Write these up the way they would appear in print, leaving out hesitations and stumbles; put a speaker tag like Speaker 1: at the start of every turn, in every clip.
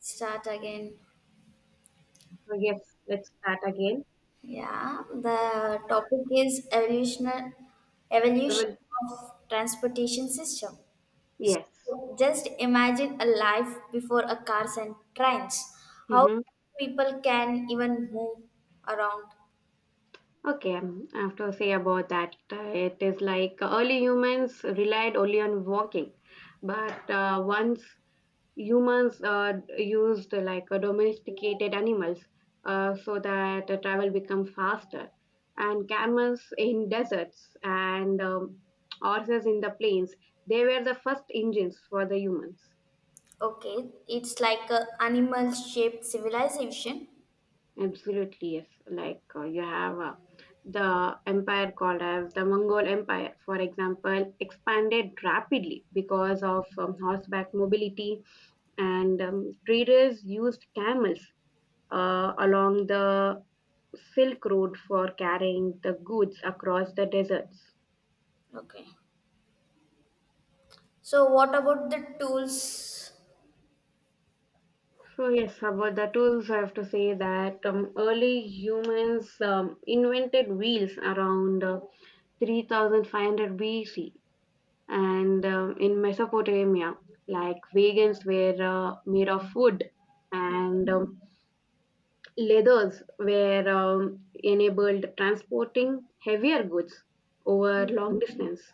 Speaker 1: Start again.
Speaker 2: So yes, let's start again.
Speaker 1: Yeah, the topic is evolutionary
Speaker 2: I
Speaker 1: evolution
Speaker 2: will.
Speaker 1: of transportation system.
Speaker 2: Yes.
Speaker 1: So just imagine a life before a cars and trains. How
Speaker 2: Mm-hmm.
Speaker 1: people can even move around.
Speaker 2: Okay, I have to say about that. It is like early humans relied only on walking, but once humans used domesticated animals so that travel become faster, and camels in deserts and horses in the plains, they were the first engines for the humans.
Speaker 1: Okay, it's like a animal shaped civilization.
Speaker 2: Absolutely, yes. Like you have the empire called as the Mongol Empire, for example, expanded rapidly because of horseback mobility, and traders used camels along the Silk Road for carrying the goods across the deserts.
Speaker 1: Okay. So what about the tools?
Speaker 2: So yes, about the tools, I have to say that early humans invented wheels around 3500 BC and in Mesopotamia, like wagons were made of wood
Speaker 1: Okay.
Speaker 2: and leathers were enabled transporting heavier goods over
Speaker 1: Yeah.
Speaker 2: long distance.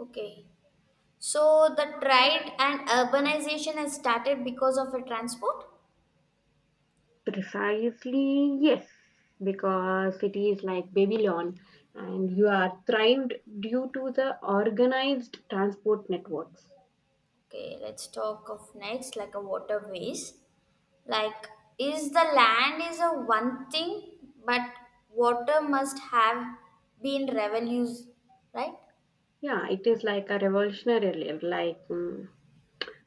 Speaker 1: Okay. So the trade and urbanization has started because of a transport.
Speaker 2: Precisely, yes, because cities like Babylon and you are thrived due to the organized transport networks.
Speaker 1: Okay, let's talk of next like a waterways. Like is the land is a one thing, but water must have been revolution, right?
Speaker 2: Yeah, it is like a revolutionary. Like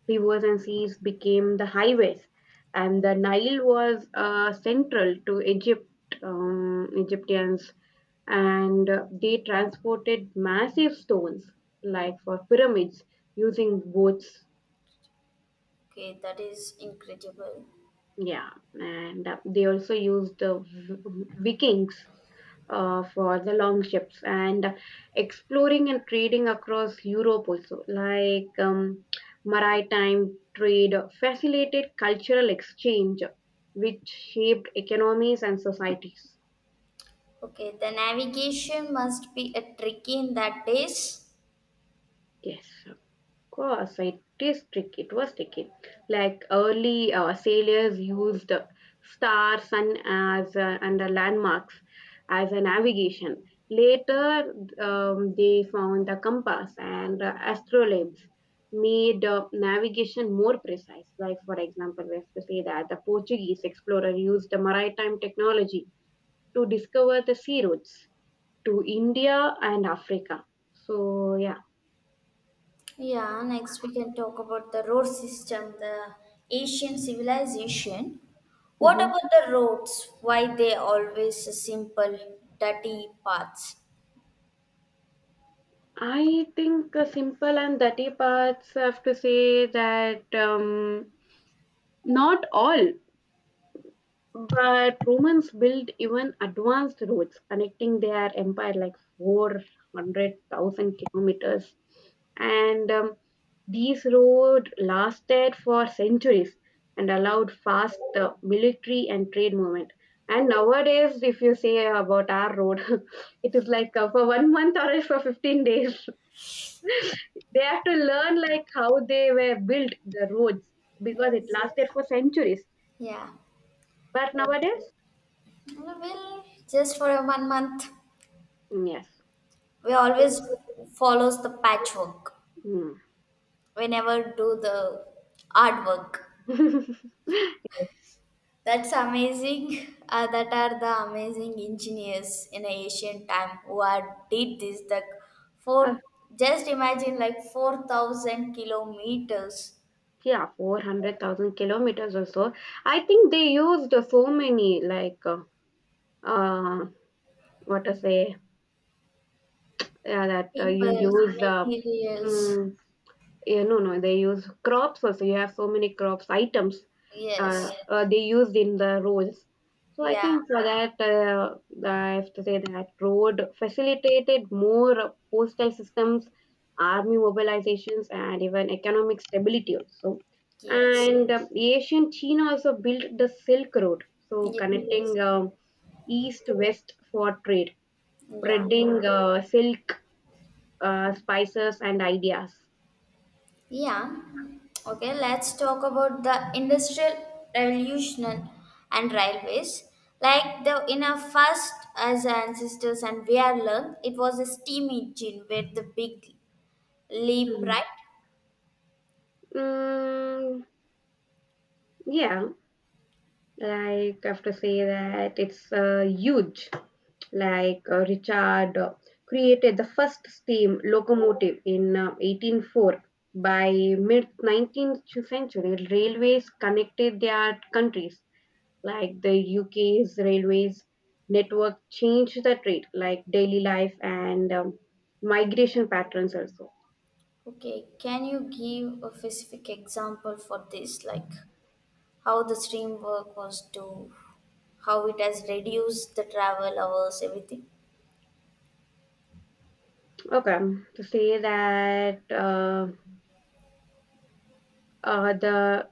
Speaker 2: rivers and seas became the highways, and the Nile was central to Egypt, Egyptians, and they transported massive stones like for pyramids using boats.
Speaker 1: Okay, that is incredible.
Speaker 2: Yeah, and they also used the Vikings for the long ships and exploring and trading across Europe also, like maritime trade facilitated cultural exchange, which shaped economies and societies.
Speaker 1: Okay, the navigation must be a tricky in that days.
Speaker 2: Yes, course, it is tricky. It was tricky. Like early sailors used star, sun as and the landmarks as a navigation. Later, they found the compass and astrolabes made navigation more precise. Like for example, we have to say that the Portuguese explorer used the maritime technology to discover the sea routes to India and Africa. So yeah.
Speaker 1: Yeah, next we can talk about the road system, the Asian civilization. What
Speaker 2: Mhm.
Speaker 1: about the roads? Why they always simple, dirty paths?
Speaker 2: I think simple and dirty parts, I have to say that not all, but Romans built even advanced roads connecting their empire like 400,000 kilometers. And these roads lasted for centuries and allowed fast military and trade movement. And nowadays, if you say about our road, it is like for one month or else for 15 days. They have to learn like how they were built the roads because it
Speaker 1: Yes.
Speaker 2: lasted for centuries.
Speaker 1: Yeah.
Speaker 2: But
Speaker 1: Well,
Speaker 2: nowadays,
Speaker 1: well, just for a 1 month,
Speaker 2: mm, yes.
Speaker 1: we always follows the patchwork.
Speaker 2: Mm.
Speaker 1: We never do the hard work. That's amazing. That are the amazing engineers in ancient time who are, did this. The
Speaker 2: Uh,
Speaker 1: four, just imagine like 4,000 kilometers,
Speaker 2: yeah, 400,000 kilometers or so. I think they used so many, like, uh, what to say, yeah, that you
Speaker 1: people,
Speaker 2: use
Speaker 1: materials.
Speaker 2: hmm, yeah, no, no, they use crops also. You have so many crops items
Speaker 1: Yes.
Speaker 2: they used in the roads. So I
Speaker 1: Yeah.
Speaker 2: think for that, I have to say that road facilitated more postal systems, army mobilizations, and even economic stability also.
Speaker 1: Yes.
Speaker 2: And ancient China also built the Silk Road, so
Speaker 1: Ye-
Speaker 2: connecting east-west for trade,
Speaker 1: Yeah.
Speaker 2: spreading silk, spices, and ideas.
Speaker 1: Yeah. Okay, let's talk about the industrial revolution and railways. Like the in our first as our ancestors and we are learned, it was a steam engine with the big leap,
Speaker 2: Mm.
Speaker 1: right?
Speaker 2: Mm. Yeah, like I have to say that it's huge. Like Richard created the first steam locomotive in 1804. By mid 19th century, railways connected their countries. Like the UK's railways network changed the trade, like daily life and migration patterns also.
Speaker 1: Okay, can you give a specific example for this, like how the steam work was to how it has reduced the travel hours, everything?
Speaker 2: Okay, to say that the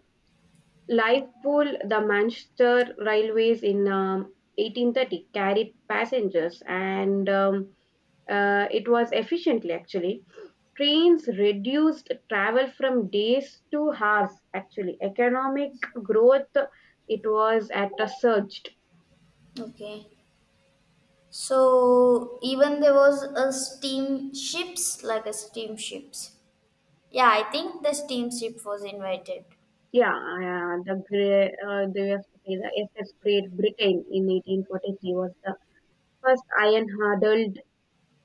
Speaker 2: Liverpool, the Manchester Railways in 1830 carried passengers and it was efficiently actually. Trains reduced travel from days to hours actually. Economic growth, it was at a surge.
Speaker 1: Okay. So even there was a steamships, like a steamships. Yeah, I think the steamship was invited.
Speaker 2: Yeah, the great, they have to say the SS Great Britain in 1843 was the first iron hurdle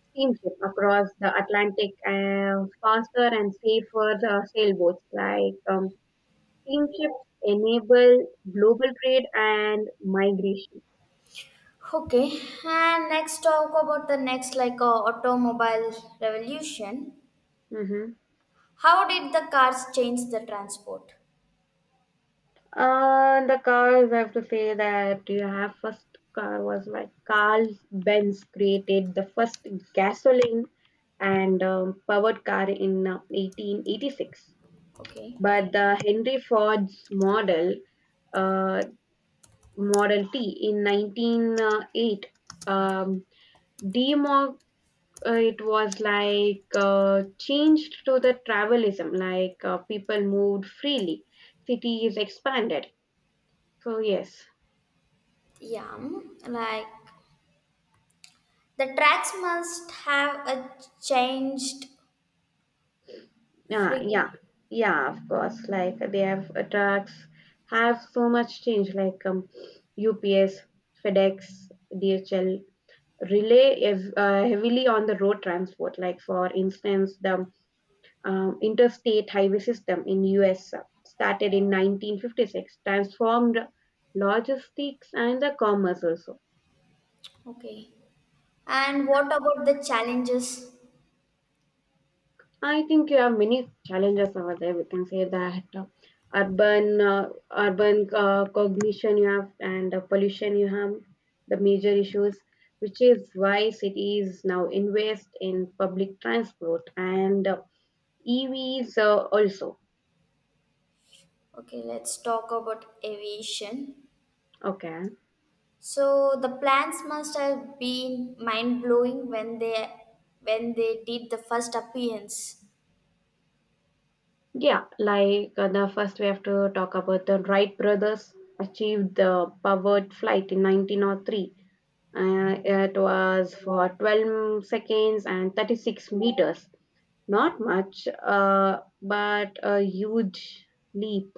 Speaker 2: steamship across the Atlantic, faster and safer sailboats. Like steamships enable global trade and migration.
Speaker 1: Okay, and next talk about the next like automobile revolution.
Speaker 2: Mm-hmm.
Speaker 1: How did the cars change the transport?
Speaker 2: The cars, I have to say that you have first car was like Carl Benz created the first gasoline and powered car in 1886.
Speaker 1: Okay,
Speaker 2: But the Henry Ford's model, uh, Model T in 1908. Um, demo, it was like changed to the travelism, like people moved freely, cities expanded. So yes,
Speaker 1: yeah, mm, like the tracks must have a changed
Speaker 2: yeah, yeah,
Speaker 1: frigate.
Speaker 2: yeah. Of course, like they have trucks have so much change, like UPS, FedEx, DHL rely heavily on the road transport. Like for instance, the interstate highway system in US started in 1956 transformed logistics and the commerce also.
Speaker 1: Okay, and what about the challenges?
Speaker 2: I think you have many challenges over there. We can say that urban uh, urban cognition you have and pollution you have the major issues, which is why cities now invest in public transport and EVs also.
Speaker 1: Okay, let's talk about aviation.
Speaker 2: Okay,
Speaker 1: So the plans must have been mind blowing when they did the first appearance.
Speaker 2: yeah, like the first we have to talk about the Wright brothers achieved the powered flight in 1903. It was for 12 seconds and 36 meters. Not much, but a huge leap.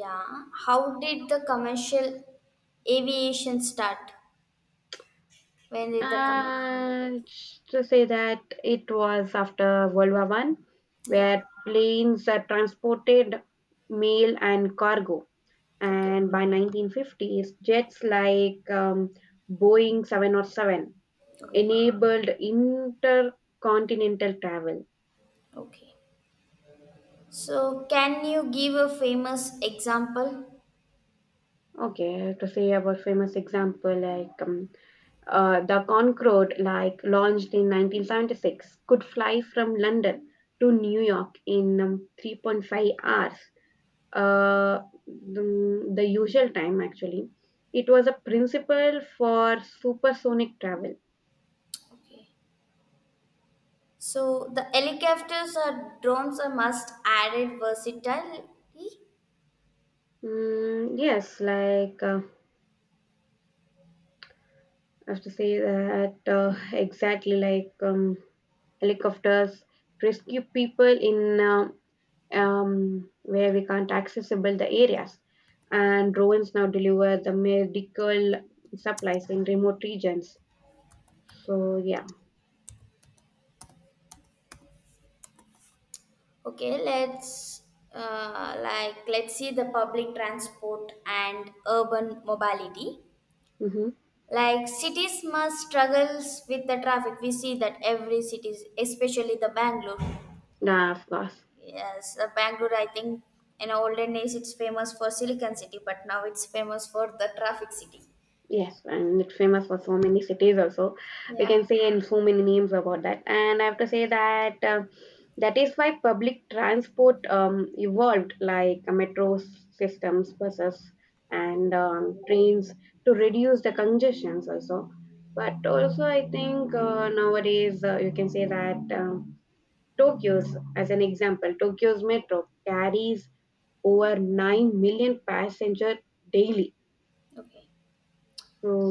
Speaker 1: Yeah. How did the commercial aviation start? When did the commercial?
Speaker 2: And to say that it was after World War I,
Speaker 1: Yeah.
Speaker 2: where planes are transported mail and cargo.
Speaker 1: Okay.
Speaker 2: And by 1950s jets like Boeing 707
Speaker 1: Okay.
Speaker 2: enabled intercontinental travel.
Speaker 1: Okay. So can you give a famous example?
Speaker 2: Okay, to say about famous example like the Concorde, like launched in 1976, could fly from London to New York in 3.5 hours. Uh, the, the usual time actually, it was a principle for supersonic travel.
Speaker 1: Okay. So the helicopters or drones are must added versatility.
Speaker 2: Mm, yes, like I have to say that exactly like helicopters rescue people in where we can't accessible the areas, and drones now deliver the medical supplies in remote regions. So yeah.
Speaker 1: Okay, let's like let's see the public transport and urban mobility.
Speaker 2: Mm-hmm.
Speaker 1: Like cities must struggles with the traffic. We see that every cities, especially the Bangalore.
Speaker 2: Yeah, of course.
Speaker 1: Yes, Bangalore. I think in olden days it's famous for Silicon City, but now it's famous for the traffic city.
Speaker 2: Yes, and it's famous for so many cities also. We can
Speaker 1: Yeah.
Speaker 2: see in so many names about that. And I have to say that that is why public transport evolved, like metro systems, buses, and trains to reduce the congestions also. But also, I think nowadays you can say that Tokyo's, as an example, Tokyo's metro carries over 9 million passenger daily.
Speaker 1: Okay.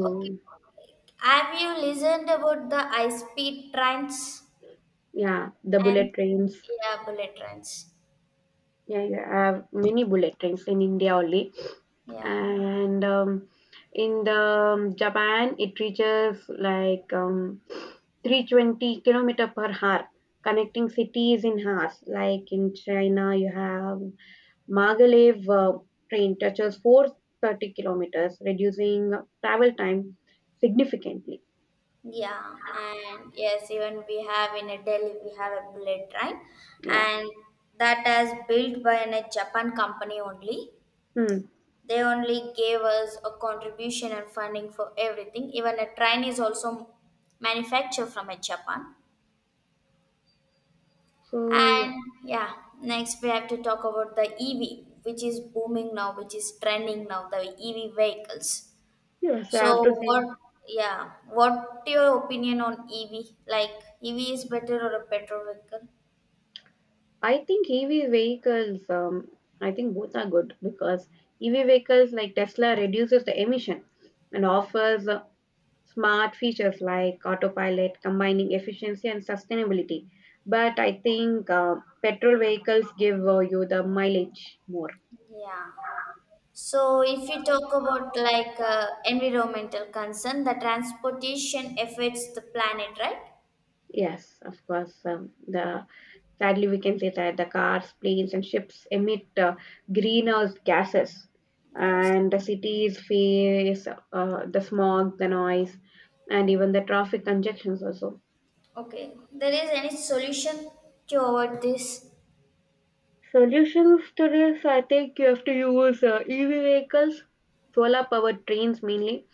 Speaker 1: Okay. Have you listened about the high speed trains
Speaker 2: yeah, the
Speaker 1: and
Speaker 2: bullet trains.
Speaker 1: yeah bullet trains?
Speaker 2: Yeah, you have many bullet trains in India only,
Speaker 1: Yeah.
Speaker 2: and in the Japan, it reaches like 320 kilometer per hour, connecting cities in hours. Like in China, you have Maglev train touches 430 kilometers, reducing travel time significantly.
Speaker 1: Yeah, and yes, even we have in a Delhi, we have a bullet train,
Speaker 2: Yeah.
Speaker 1: and that is built by a Japan company only.
Speaker 2: Hmm.
Speaker 1: They only gave us a contribution and funding for everything. Even a train is also manufactured from a Japan.
Speaker 2: So yeah.
Speaker 1: And yeah, next we have to talk about the EV, which is booming now, which is trending now, the EV vehicles.
Speaker 2: Yes, I have
Speaker 1: So
Speaker 2: to say.
Speaker 1: what, yeah, what your opinion on EV? Like EV is better or a petrol vehicle?
Speaker 2: I think EV vehicles, I think both are good because EV vehicles like Tesla reduces the emission and offers smart features like autopilot, combining efficiency and sustainability. But I think petrol vehicles give you the mileage more.
Speaker 1: Yeah. So if you talk about like environmental concern, the transportation affects the planet, right?
Speaker 2: Yes, of course. The Sadly, we can say that the cars, planes, and ships emit greenhouse gases,
Speaker 1: Yes.
Speaker 2: and the cities face the smog, the noise, and even the traffic congestions also.
Speaker 1: Okay. There is any solution to avoid this?
Speaker 2: Solutions to this, I think you have to use EV vehicles, solar powered trains mainly,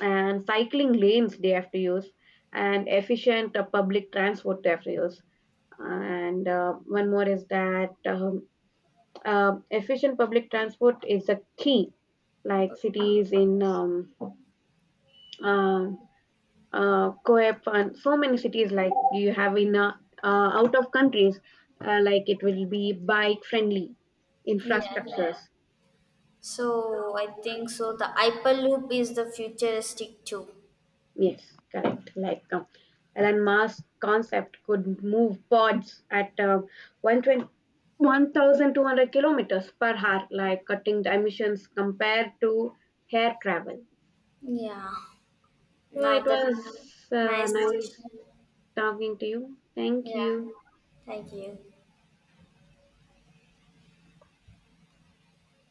Speaker 2: and cycling lanes they have to use, and efficient public transport they have to use. And one more is that efficient public transport is the key, like cities in uh, Coep and so many cities like you have in out of countries, like it will be bike friendly
Speaker 1: Yes.
Speaker 2: infrastructures.
Speaker 1: So I think so. The Hyperloop is the futuristic too.
Speaker 2: Yes, correct. Like Elon Musk concept could move pods at 120 kilometers per hour, like cutting the emissions compared to air travel.
Speaker 1: Yeah.
Speaker 2: So
Speaker 1: Now
Speaker 2: it
Speaker 1: that
Speaker 2: was
Speaker 1: nice
Speaker 2: nice
Speaker 1: session.
Speaker 2: talking to you. Thank
Speaker 1: Yeah.
Speaker 2: you.
Speaker 1: Thank you.